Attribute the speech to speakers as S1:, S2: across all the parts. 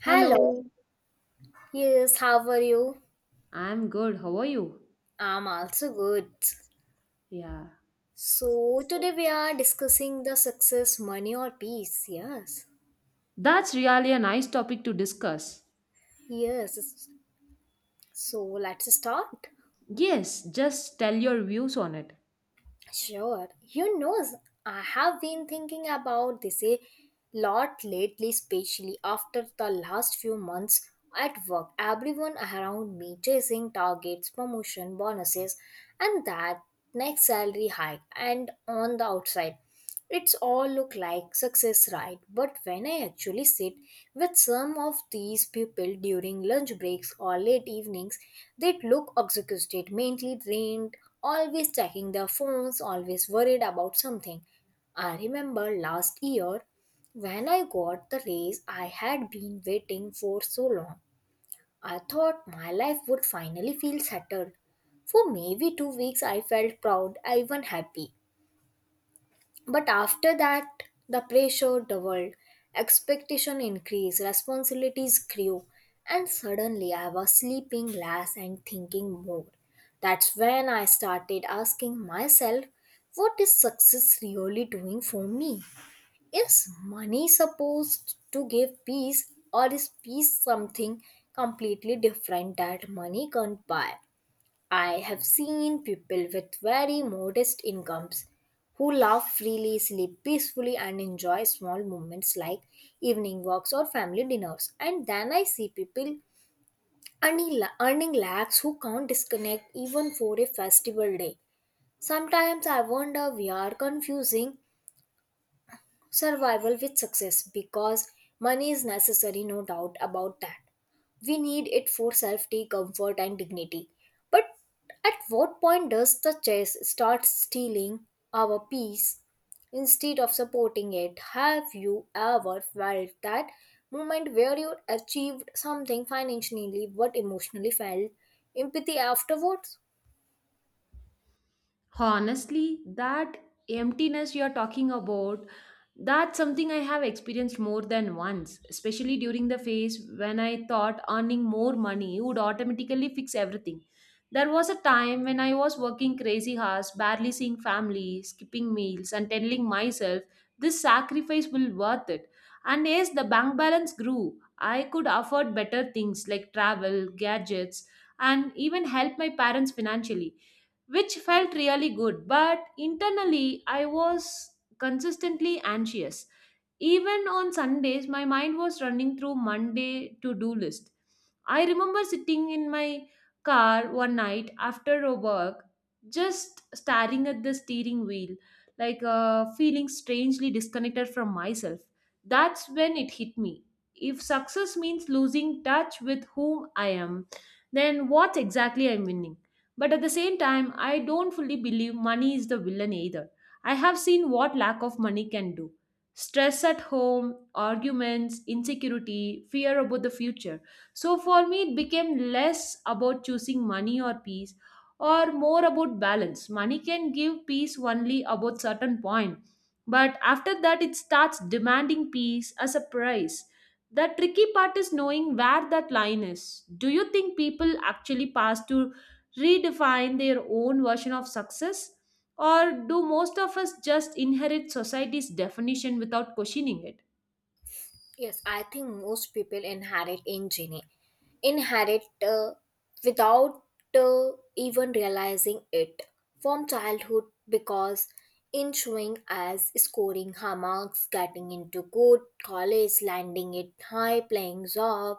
S1: Hello.
S2: Hello,
S1: Yes, how are you?
S2: I'm good. How are you?
S1: I'm also good.
S2: Yeah,
S1: So, today we are discussing the success, money, or peace. Yes.
S2: that's really a nice topic to discuss.
S1: Yes. So, let's start.
S2: Yes, just tell your views on it.
S1: Sure. I have been thinking about this a lot lately, especially after the last few months at work. Everyone around me chasing targets, promotion, bonuses, and that next salary hike. And on the outside, it's all look like success, right? But when I actually sit with some of these people during lunch breaks or late evenings, they look exhausted, mentally drained, always checking their phones, always worried about something. I remember last year when I got the raise I had been waiting for so long. I thought my life would finally feel settled. For maybe 2 weeks, I felt proud, even happy. But after that, the pressure doubled, expectation increased, responsibilities grew, and suddenly I was sleeping less and thinking more. That's when I started asking myself, what is success really doing for me? Is money supposed to give peace, or is peace something completely different that money can't buy? I have seen people with very modest incomes who laugh freely, sleep peacefully, and enjoy small moments like evening walks or family dinners. And then I see people earning, earning lakhs who can't disconnect even for a festival day. Sometimes I wonder we are confusing survival with success because money is necessary, no doubt about that. We need it for safety, comfort, and dignity. But at what point does the chase start stealing our peace instead of supporting it? Have you ever felt that moment where you achieved something financially but emotionally felt empathy afterwards?
S2: Honestly, that emptiness you're talking about, that's something I have experienced more than once, especially during the phase when I thought earning more money would automatically fix everything. There was a time when I was working crazy hours, barely seeing family, skipping meals, and telling myself this sacrifice will worth it. And as the bank balance grew, I could afford better things like travel, gadgets, and even help my parents financially which felt really good. But internally, I was consistently anxious. Even on Sundays, my mind was running through Monday to do list. I remember sitting in my car one night after a work, just staring at the steering wheel, feeling strangely disconnected from myself. That's when it hit me. If success means losing touch with whom I am, then what exactly I'm winning? But at the same time, I don't fully believe money is the villain either. I have seen what lack of money can do, stress at home, arguments, insecurity, fear about the future. So for me, it became less about choosing money or peace or more about balance. Money can give peace only about certain point. But after that, it starts demanding peace as a price. The tricky part is knowing where that line is. Do you think people actually pass to redefine their own version of success? Or do most of us just inherit society's definition without questioning it?
S1: Yes, I think most people inherit injury, inherit without uh, even realizing it from childhood because ensuing as scoring high marks, getting into good college, landing it high, playing job,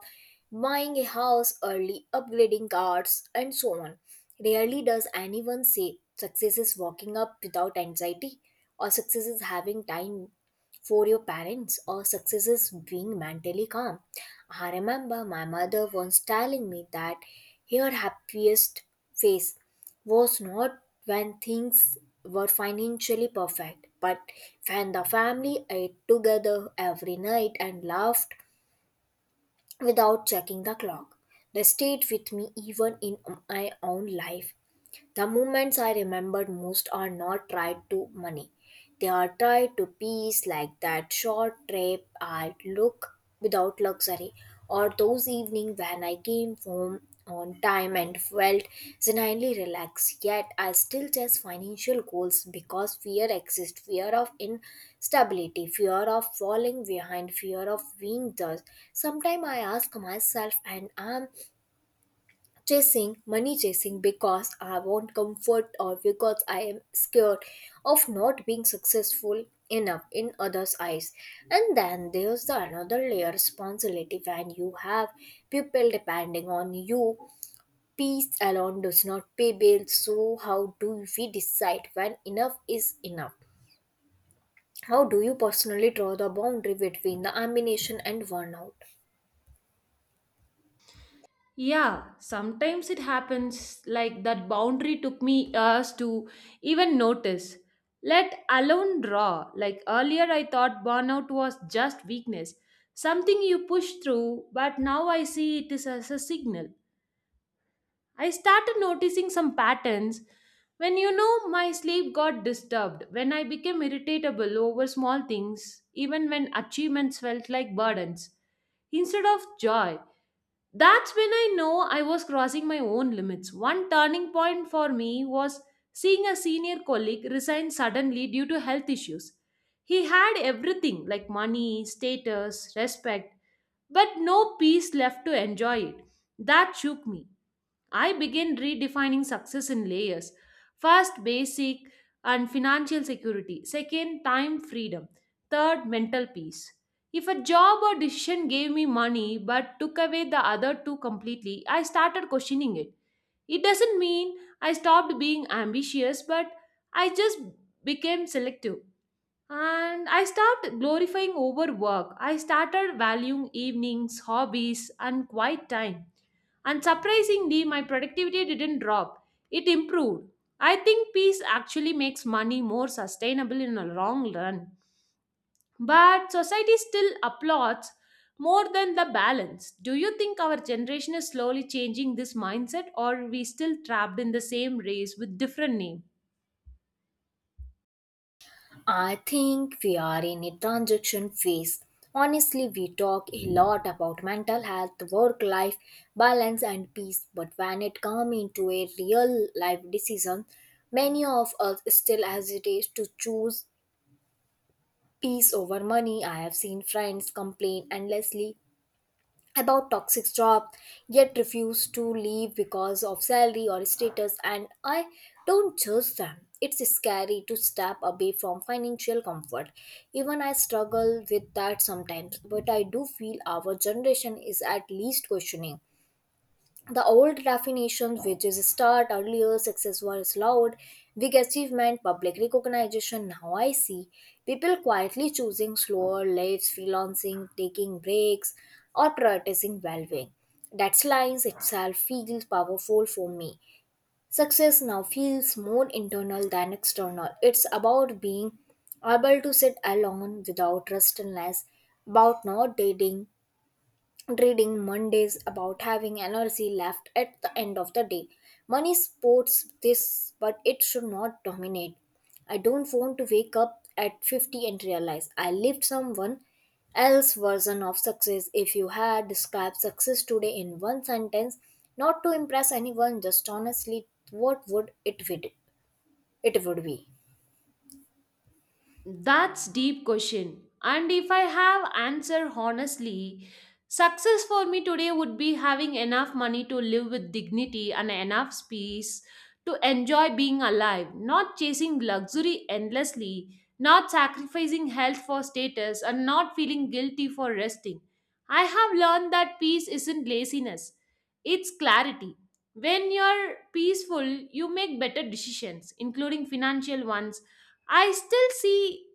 S1: buying a house early, upgrading cars, and so on. Rarely does anyone say success is walking up without anxiety or success is having time for your parents or successes being mentally calm. I remember my mother once telling me that her happiest phase was not when things were financially perfect, but when the family ate together every night and laughed without checking the clock. They stayed with me even in my own life the moments I remember most are not tied to money. They are tied to peace, like that short trip I look without luxury, or those evenings when I came home on time and felt genuinely relaxed. Yet I still chase financial goals because fear exists fear of instability, fear of falling behind, fear of being judged. Sometimes I ask myself, and I'm chasing money chasing because I want comfort or because I am scared of not being successful enough in others eyes. And then there's the another layer responsibility when you have people depending on you. Peace alone does not pay bills, so how do we decide when enough is enough? How do you personally draw the boundary between the ambition and burnout?
S2: Yeah, sometimes it happens like that boundary took me years to even notice. Let alone draw. Like earlier, I thought burnout was just weakness, something you push through, but now I see it is as a signal. I started noticing some patterns when you know my sleep got disturbed, when I became irritable over small things, even when achievements felt like burdens instead of joy. That's when I know I was crossing my own limits. One turning point for me was seeing a senior colleague resign suddenly due to health issues. He had everything like money, status, respect, but no peace left to enjoy it. That shook me. I began redefining success in layers. First, basic and financial security. Second, time freedom. Third, mental peace. If a job or decision gave me money but took away the other two completely, I started questioning it. It doesn't mean I stopped being ambitious, but I just became selective. And I stopped glorifying overwork. I started valuing evenings, hobbies, and quiet time. And surprisingly, my productivity didn't drop, it improved. I think peace actually makes money more sustainable in the long run. But society still applauds more than the balance. Do you think our generation is slowly changing this mindset, or are we still trapped in the same race with different name?
S1: I think we are in a transition phase. Honestly, we talk a lot about mental health, work life balance, and peace, but when it comes into a real life decision, many of us still hesitate to choose peace over money. I have seen friends complain endlessly about toxic job yet refuse to leave because of salary or status, and I don't judge them. It's scary to step away from financial comfort. Even I struggle with that sometimes, but I do feel our generation is at least questioning the old definition, which is start earlier, success was loud, big achievement, public recognition. Now I see people quietly choosing slower lives, freelancing, taking breaks, or prioritizing well being. That lines itself feels powerful for me. Success now feels more internal than external. It's about being able to sit alone without restlessness, about not dating Reading Mondays about having energy left at the end of the day. Money supports this, but it should not dominate. I don't want to wake up at 50 and realize I lived someone else version of success. If you had described success today in one sentence, not to impress anyone, just honestly, what would it be? It would be.
S2: That's deep question. And if I have answer honestly, success for me today would be having enough money to live with dignity and enough space to enjoy being alive, not chasing luxury endlessly, not sacrificing health for status and not feeling guilty for resting. I have learned that peace isn't laziness, it's clarity. When you're peaceful, you make better decisions, including financial ones. I still see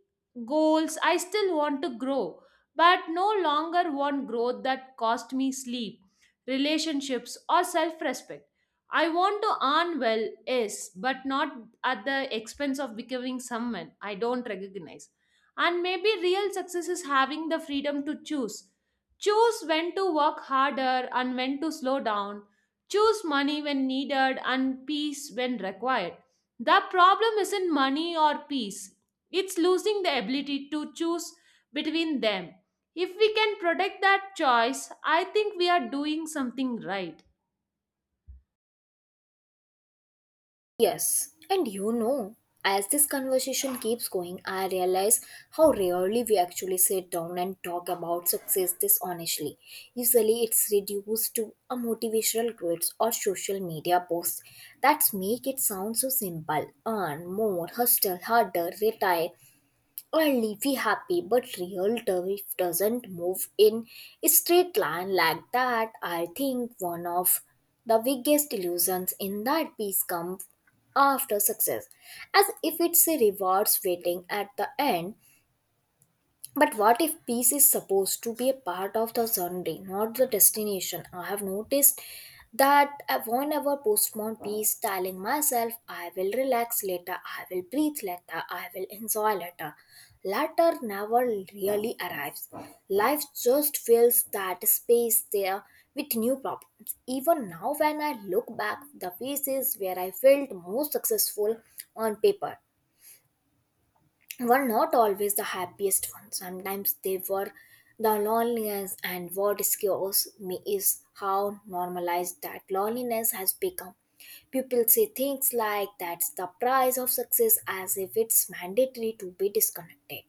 S2: goals, I still want to grow, but no longer want growth that cost me sleep, relationships, or self respect. I want to earn well, yes, but not at the expense of becoming someone I don't recognize. And maybe real success is having the freedom to choose. Choose when to work harder and when to slow down. Choose money when needed and peace when required. The problem isn't money or peace, it's losing the ability to choose between them. If we can protect that choice, I think we are doing something right.
S1: Yes, as this conversation keeps going, I realize how rarely we actually sit down and talk about success this honestly. Usually, it's reduced to a motivational quotes or social media posts that make it sound so simple earn more, hustle harder, retire, or leafy happy, but real turf doesn't move in a straight line like that. I think one of the biggest illusions in that piece comes after success, as if it's a rewards waiting at the end, but what if peace is supposed to be a part of the journey, not the destination? I have noticed that I whenever postpone peace, telling myself, I will relax later, I will breathe later, I will enjoy later. Later never really arrives. Life just fills that space there with new problems. Even now, when I look back, the phases where I felt most successful on paper were not always the happiest ones. Sometimes they were the loneliest, and what scares me is how normalized that loneliness has become. People say things like that's the price of success as if it's mandatory to be disconnected,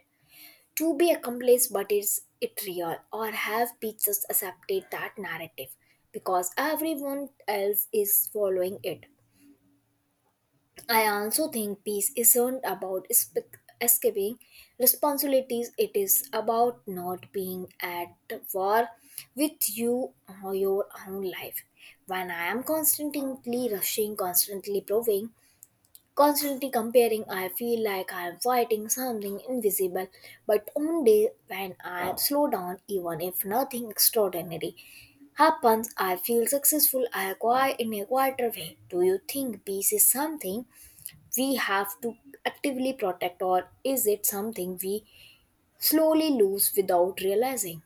S1: to be accomplished, but is it real? Or have we just accepted that narrative because everyone else is following it? I also think peace isn't about escaping responsibilities, it is about not being at war with you or your own life. When I am constantly rushing, constantly proving, constantly comparing, I feel like I am fighting something invisible. But on day when I slow down, even if nothing extraordinary happens, I feel successful, I acquire in a quieter way. Do you think peace is something we have to actively protect, or is it something we slowly lose without realizing?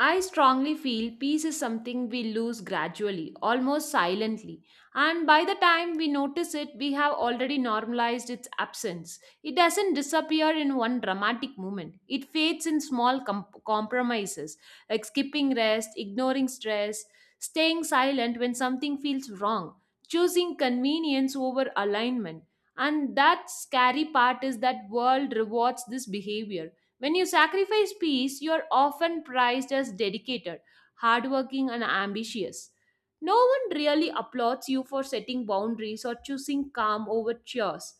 S2: I strongly feel peace is something we lose gradually, almost silently, and by the time we notice it, we have already normalized its absence. It doesn't disappear in one dramatic moment, it fades in small compromises like skipping rest, ignoring stress, staying silent when something feels wrong, choosing convenience over alignment. And that scary part is that world rewards this behavior. When you sacrifice peace, you are often prized as dedicated, hardworking, and ambitious. No one really applauds you for setting boundaries or choosing calm over chores.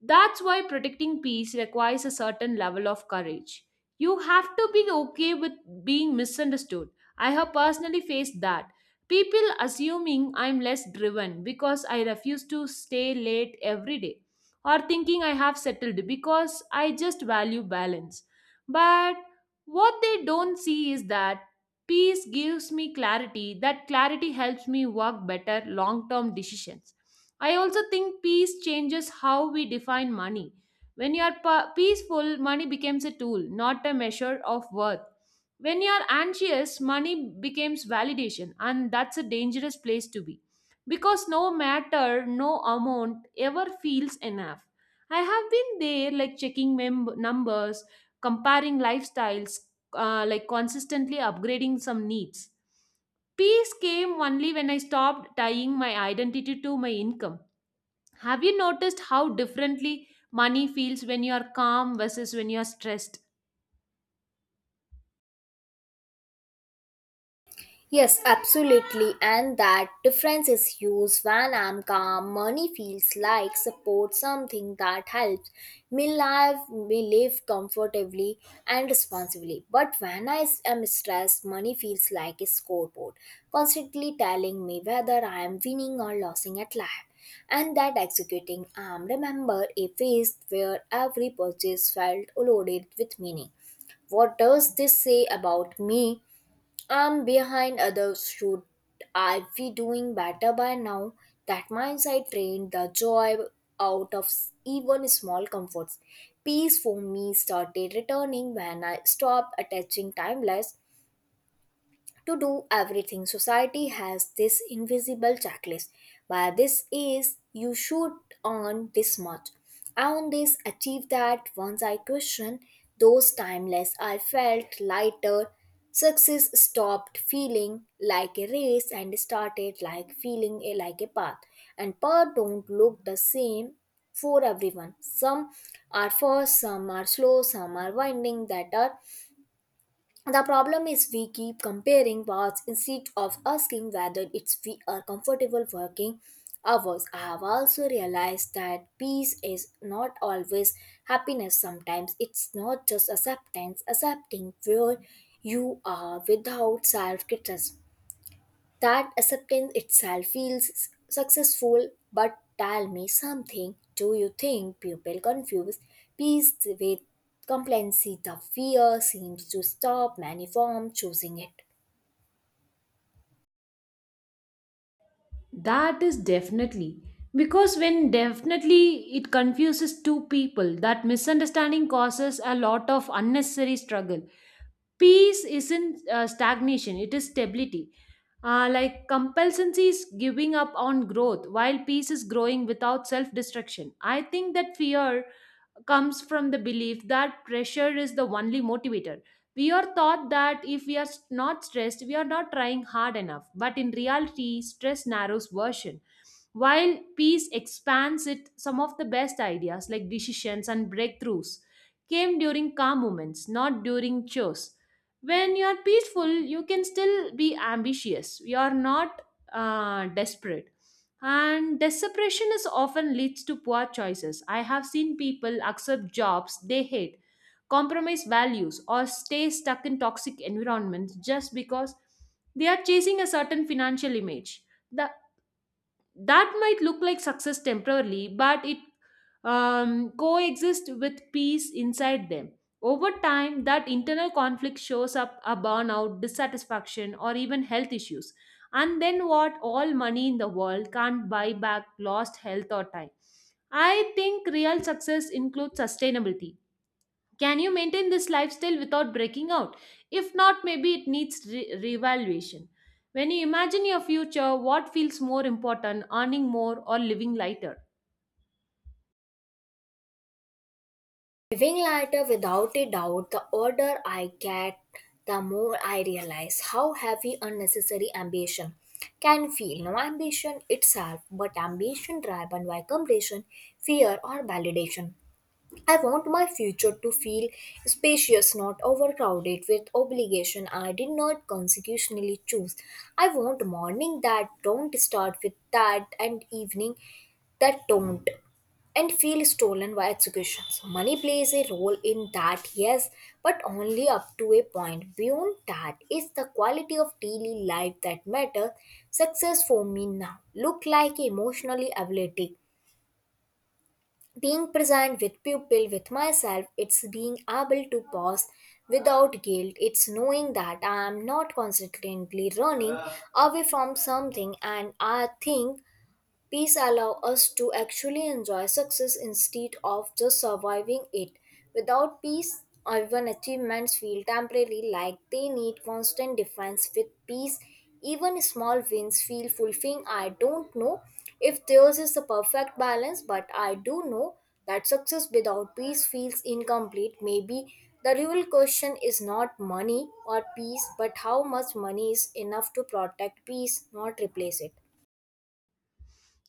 S2: That's why protecting peace requires a certain level of courage. You have to be okay with being misunderstood. I have personally faced that. People assuming I'm less driven because I refuse to stay late every day, or thinking I have settled because I just value balance. But what they don't see is that peace gives me clarity, that clarity helps me work better long term decisions. I also think peace changes how we define money. When you are peaceful, money becomes a tool, not a measure of worth. When you are anxious, money becomes validation, and that's a dangerous place to be. Because no amount ever feels enough. I have been there, like checking numbers, comparing lifestyles, like consistently upgrading some needs. Peace came only when I stopped tying my identity to my income. Have you noticed how differently money feels when you are calm versus when you are stressed?
S1: Yes, absolutely, and that difference is huge. When I'm calm, money feels like support, something that helps me live comfortably and responsibly. But when I am stressed, money feels like a scoreboard, constantly telling me whether I am winning or losing at life. And that executing arm remember a phase where every purchase felt loaded with meaning. What does this say about me? I'm behind others. Should I be doing better by now? That mindset drained the joy out of even small comforts. Peace for me started returning when I stopped attaching timeless to do everything. Society has this invisible checklist. By this is you should earn this much. Own this, achieve that. Once I questioned those timeless, I felt lighter. Success stopped feeling like a race and started like feeling a, like a path. And path don't look the same for everyone. Some are fast, some are slow, some are winding that are the problem is we keep comparing paths instead of asking whether it's we are comfortable working hours. I have also realized that peace is not always happiness. Sometimes it's not just acceptance, accepting where you are without self criticism. That acceptance itself feels successful, but tell me something. Do you think people confuse peace with complacency? The fear seems to stop many from choosing it.
S2: That is definitely. Because when definitely it confuses two people, that misunderstanding causes a lot of unnecessary struggle. Peace isn't stagnation, it is stability. Like compulsancy is giving up on growth, while peace is growing without self destruction. I think that fear comes from the belief that pressure is the only motivator. We are taught that if we are not stressed, we are not trying hard enough. But in reality, stress narrows version while peace expands it. Some of the best ideas, like decisions and breakthroughs, came during calm moments, not during chores. When you're peaceful, you can still be ambitious. You're not desperate. And desperation is often leads to poor choices. I have seen people accept jobs they hate, compromise values, or stay stuck in toxic environments just because they are chasing a certain financial image. The that might look like success temporarily, but it coexist with peace inside them. Over time that internal conflict shows up a burnout dissatisfaction or even health issues, and then what all money in the world can't buy back lost health or time. I think real success includes sustainability. Can you maintain this lifestyle without breaking out? If not, maybe it needs reevaluation. When you imagine your future, what feels more important, earning more or living lighter?
S1: Living lighter without a doubt, the older I get, the more I realize how heavy unnecessary ambition can feel. No ambition itself, but ambition driven by comparison, fear, or validation. I want my future to feel spacious, not overcrowded with obligation I did not consecutionally choose. I want morning that don't start with that and evening that don't and feel stolen by education. So money plays a role in that, yes, but only up to a point. Beyond that is the quality of daily life that matters. Success for me now look like emotionally ability being present with people with myself. It's being able to pause without guilt. It's knowing that I am not constantly running away from something, and I think peace allows us to actually enjoy success instead of just surviving it. Without peace, even achievements feel temporary like they need constant defense. With peace, even small wins feel fulfilling. I don't know if theirs is the perfect balance, but I do know that success without peace feels incomplete. Maybe the real question is not money or peace, but how much money is enough to protect peace, not replace it.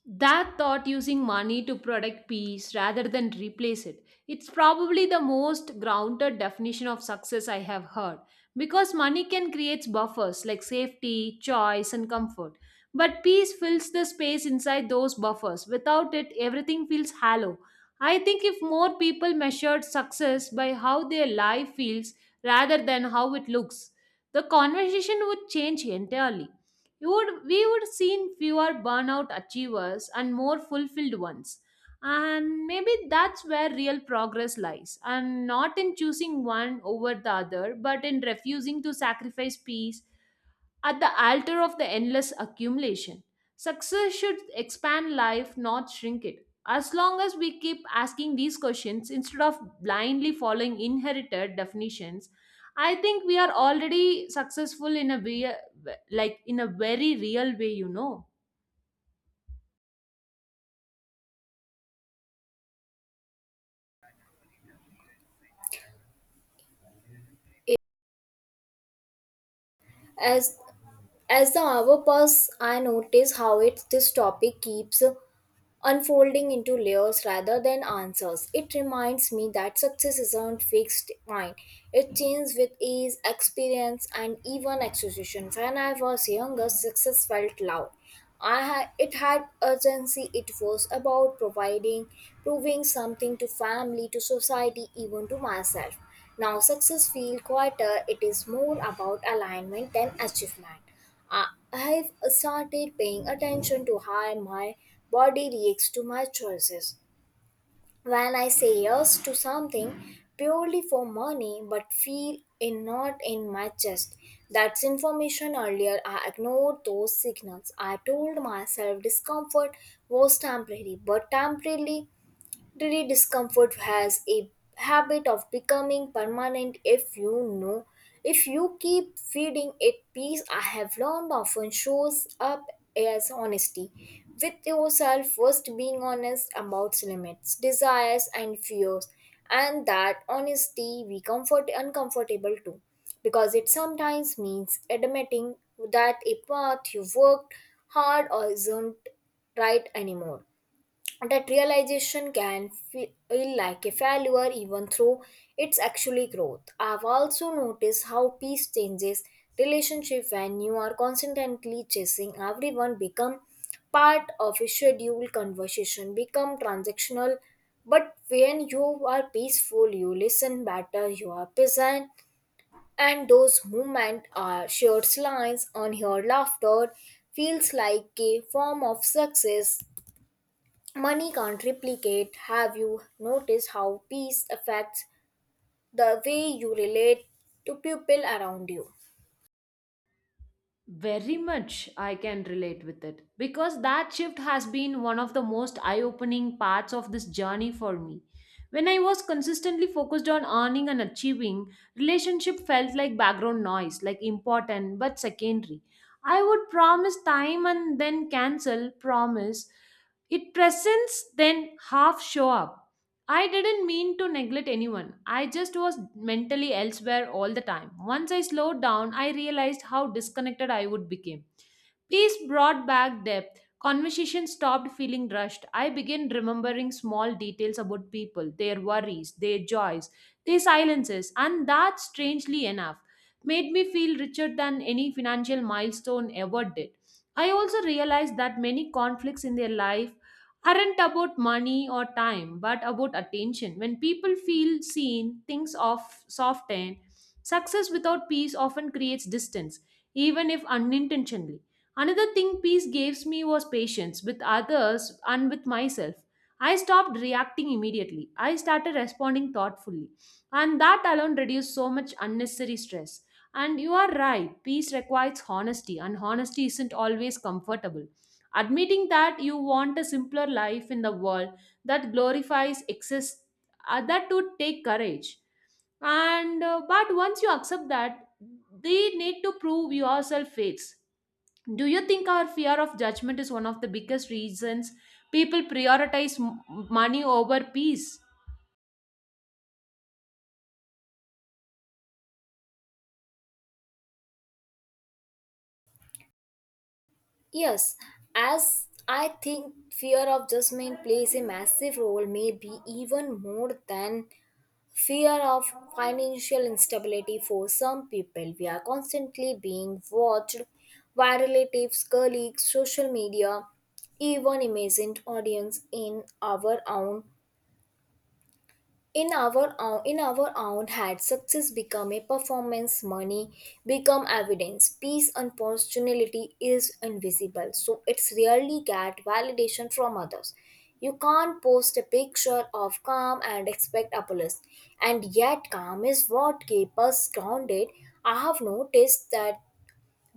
S2: That thought, using money to protect peace rather than replace it, it's probably the most grounded definition of success I have heard. Because money can create buffers like safety, choice and comfort, but peace fills the space inside those buffers. Without it everything feels hollow. I think if more people measured success by how their life feels rather than how it looks, the conversation would change entirely. We would seen fewer burnout achievers and more fulfilled ones. And maybe that's where real progress lies, and not in choosing one over the other, but in refusing to sacrifice peace at the altar of the endless accumulation. Success should expand life, not shrink it. As long as we keep asking these questions instead of blindly following inherited definitions, I think we are already successful in a way, like in a very real way, you know.
S1: As As the hour passes, I notice how it, this topic keeps unfolding into layers rather than answers. It reminds me that success isn't fixed fine. It changes with age, experience, and even execution. When I was younger, success felt loud. It had urgency. It was about providing, proving something to family, to society, even to myself. Now success feels quieter. It is more about alignment than achievement. I've started paying attention to how my body reacts to my choices. When I say yes to something purely for money but feel it not in my chest, that's information. Earlier I ignored those signals. I told myself discomfort was temporary, but temporarily daily discomfort has a habit of becoming permanent know if you keep feeding it. Peace I have learned often shows up as honesty with yourself. First being honest about limits, desires and fears, and that honesty we comfort uncomfortable too, because it sometimes means admitting that a path you worked hard or isn't right anymore. That realization can feel like a failure even though it's actually growth. I've also noticed how peace changes relationship. When you are constantly chasing, everyone become part of a scheduled conversation, become transactional. But when you are peaceful you listen better, you are present, and those movement are shared lines on your laughter feels like a form of success money can't replicate. Have you noticed how peace affects the way you relate to people around you?
S2: Very much I can relate with it because that shift has been one of the most eye opening parts of this journey for me. When I was consistently focused on earning and achieving, relationship felt like background noise, like important but secondary. I would promise time and then cancel, promise it presents then half show up. I didn't mean to neglect anyone. I just was mentally elsewhere all the time. Once I slowed down, I realized how disconnected I would become. Peace brought back depth. Conversation stopped feeling rushed. I began remembering small details about people, their worries, their joys, their silences, and that, strangely enough, made me feel richer than any financial milestone ever did. I also realized that many conflicts in their life aren't about money or time, but about attention. When people feel seen, things off soften. Success without peace often creates distance, even if unintentionally. Another thing peace gives me was patience with others and with myself. I stopped reacting immediately. I started responding thoughtfully. And that alone reduced so much unnecessary stress. And you are right, peace requires honesty, and honesty isn't always comfortable. Admitting that you want a simpler life in the world that glorifies excess, that would take courage. And But once you accept that, they need to prove yourself faiths. Do you think our fear of judgment is one of the biggest reasons people prioritize money over peace?
S1: Yes, as I think fear of judgment plays a massive role, maybe even more than fear of financial instability for some people. We are constantly being watched by relatives, colleagues, social media, even imagined audience in our own in our own had. Success become a performance, money become evidence, peace and personality is invisible, so it's rarely get validation from others. You can't post a picture of calm and expect applause, and yet calm is what keeps us grounded. I have noticed that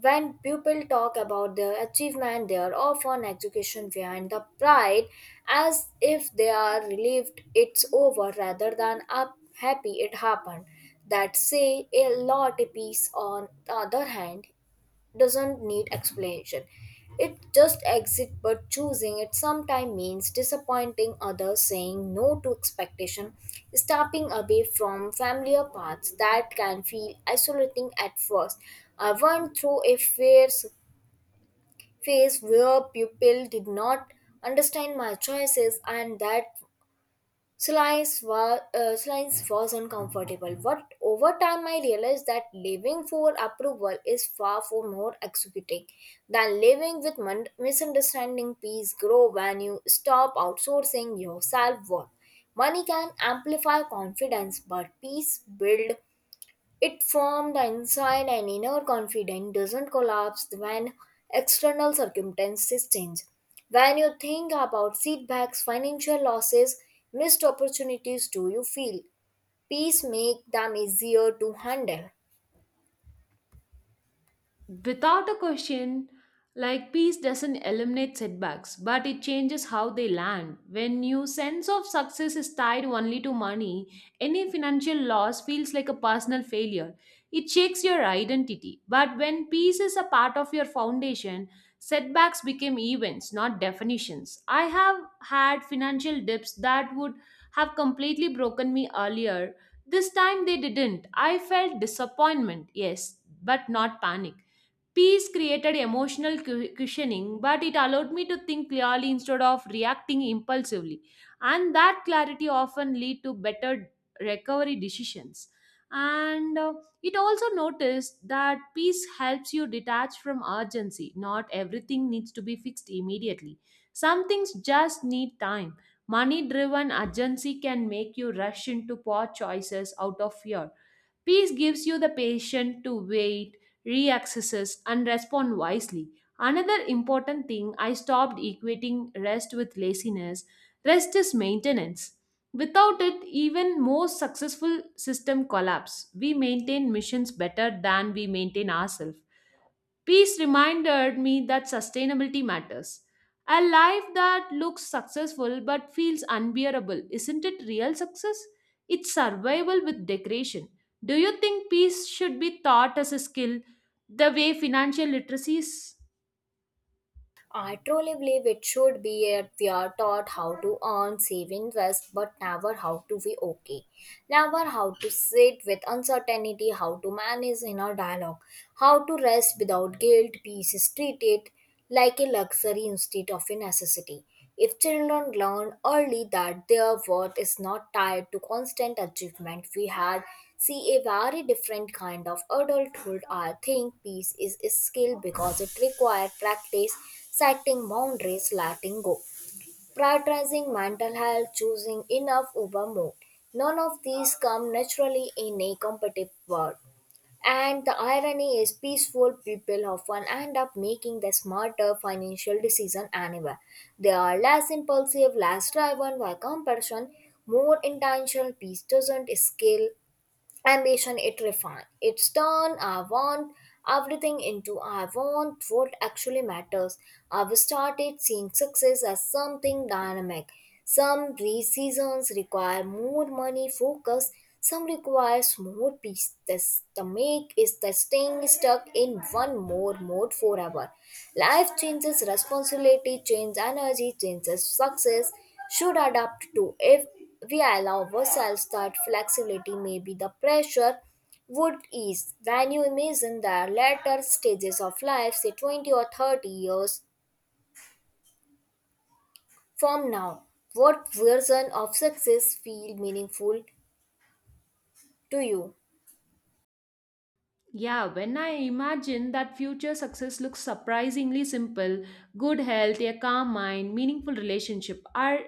S1: when people talk about their achievement, they are often education behind the pride, as if they are relieved it's over rather than up happy it happened. That say a lot. A piece on the other hand doesn't need explanation. It just exists, but choosing it sometimes means disappointing others, saying no to expectation, stepping away from familiar paths that can feel isolating at first. I went through a phase where people did not understand my choices, and that silence was uncomfortable, but over time I realized that living for approval is far for more executing than living with misunderstanding. Peace grow when you stop outsourcing your self worth. Money can amplify confidence, but peace build it formed the inside, and inner confidence doesn't collapse when external circumstances change. When you think about setbacks, financial losses, missed opportunities, do you feel peace make them easier to handle?
S2: Without a question, like peace doesn't eliminate setbacks, but it changes how they land. When your sense of success is tied only to money, any financial loss feels like a personal failure. It shakes your identity. But when peace is a part of your foundation, setbacks become events, not definitions. I have had financial dips that would have completely broken me earlier. This time they didn't. I felt disappointment, yes, but not panic. Peace created emotional cushioning, but it allowed me to think clearly instead of reacting impulsively. And that clarity often lead to better recovery decisions. And it also noticed that peace helps you detach from urgency. Not everything needs to be fixed immediately. Some things just need time. Money driven urgency can make you rush into poor choices out of fear. Peace gives you the patience to wait, reaccesses, and respond wisely. Another important thing, I stopped equating rest with laziness. Rest is maintenance. Without it, even most successful system collapse. We maintain missions better than we maintain ourselves. Peace reminded me that sustainability matters. A life that looks successful but feels unbearable, isn't it real success? It's survival with decoration. Do you think peace should be taught as a skill the way financial literacy is?
S1: I truly believe it should be, that we are taught how to earn, save, invest, but never how to be okay. Never how to sit with uncertainty, how to manage inner dialogue, how to rest without guilt. Peace is treated like a luxury instead of a necessity. If children learn early that their worth is not tied to constant achievement, we had see a very different kind of adulthood. I think peace is a skill because it requires practice, setting boundaries, letting go, prioritizing mental health, choosing enough over more. None of these come naturally in a competitive world. And the irony is peaceful people often end up making the smarter financial decision anyway. They are less impulsive, less driven by comparison, more intentional. Peace doesn't scale ambition, it refine it's turn I want everything into I want what actually matters. I've started seeing success as something dynamic. Seasons require more money focus, some requires more peace. This the make is the staying stuck in one more mode forever. Life changes, responsibility change, energy changes, success should adapt to. If we allow ourselves that flexibility, maybe the pressure would ease. When you imagine the later stages of life, say 20 or 30 years from now, what version of success feel meaningful to you?
S2: Yeah, when I imagine that future, success looks surprisingly simple, good health, a calm mind, meaningful relationship are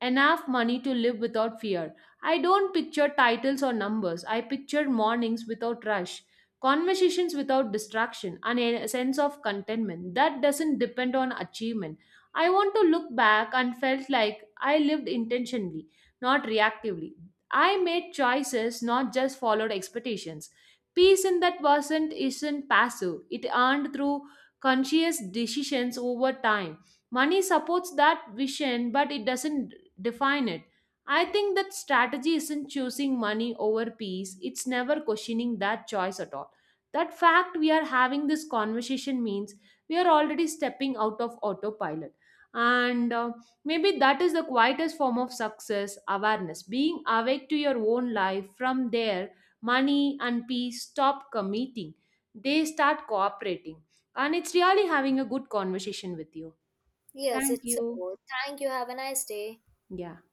S2: enough money to live without fear. I don't picture titles or numbers. I picture mornings without rush, conversations without distraction, and a sense of contentment that doesn't depend on achievement. I want to look back and felt like I lived intentionally, not reactively. I made choices, not just followed expectations. Peace in that wasn't isn't passive. It earned through conscious decisions over time. Money supports that vision, but it doesn't define it. I think that strategy isn't choosing money over peace. It's never questioning that choice at all. That fact we are having this conversation means we are already stepping out of autopilot. And maybe that is the quietest form of success awareness, being awake to your own life. From there, money and peace stop competing, they start cooperating. And it's really having a good conversation with you.
S1: Yes,
S2: Thank
S1: it's a
S2: you.
S1: goal. Thank you. Have a nice day.
S2: Yeah.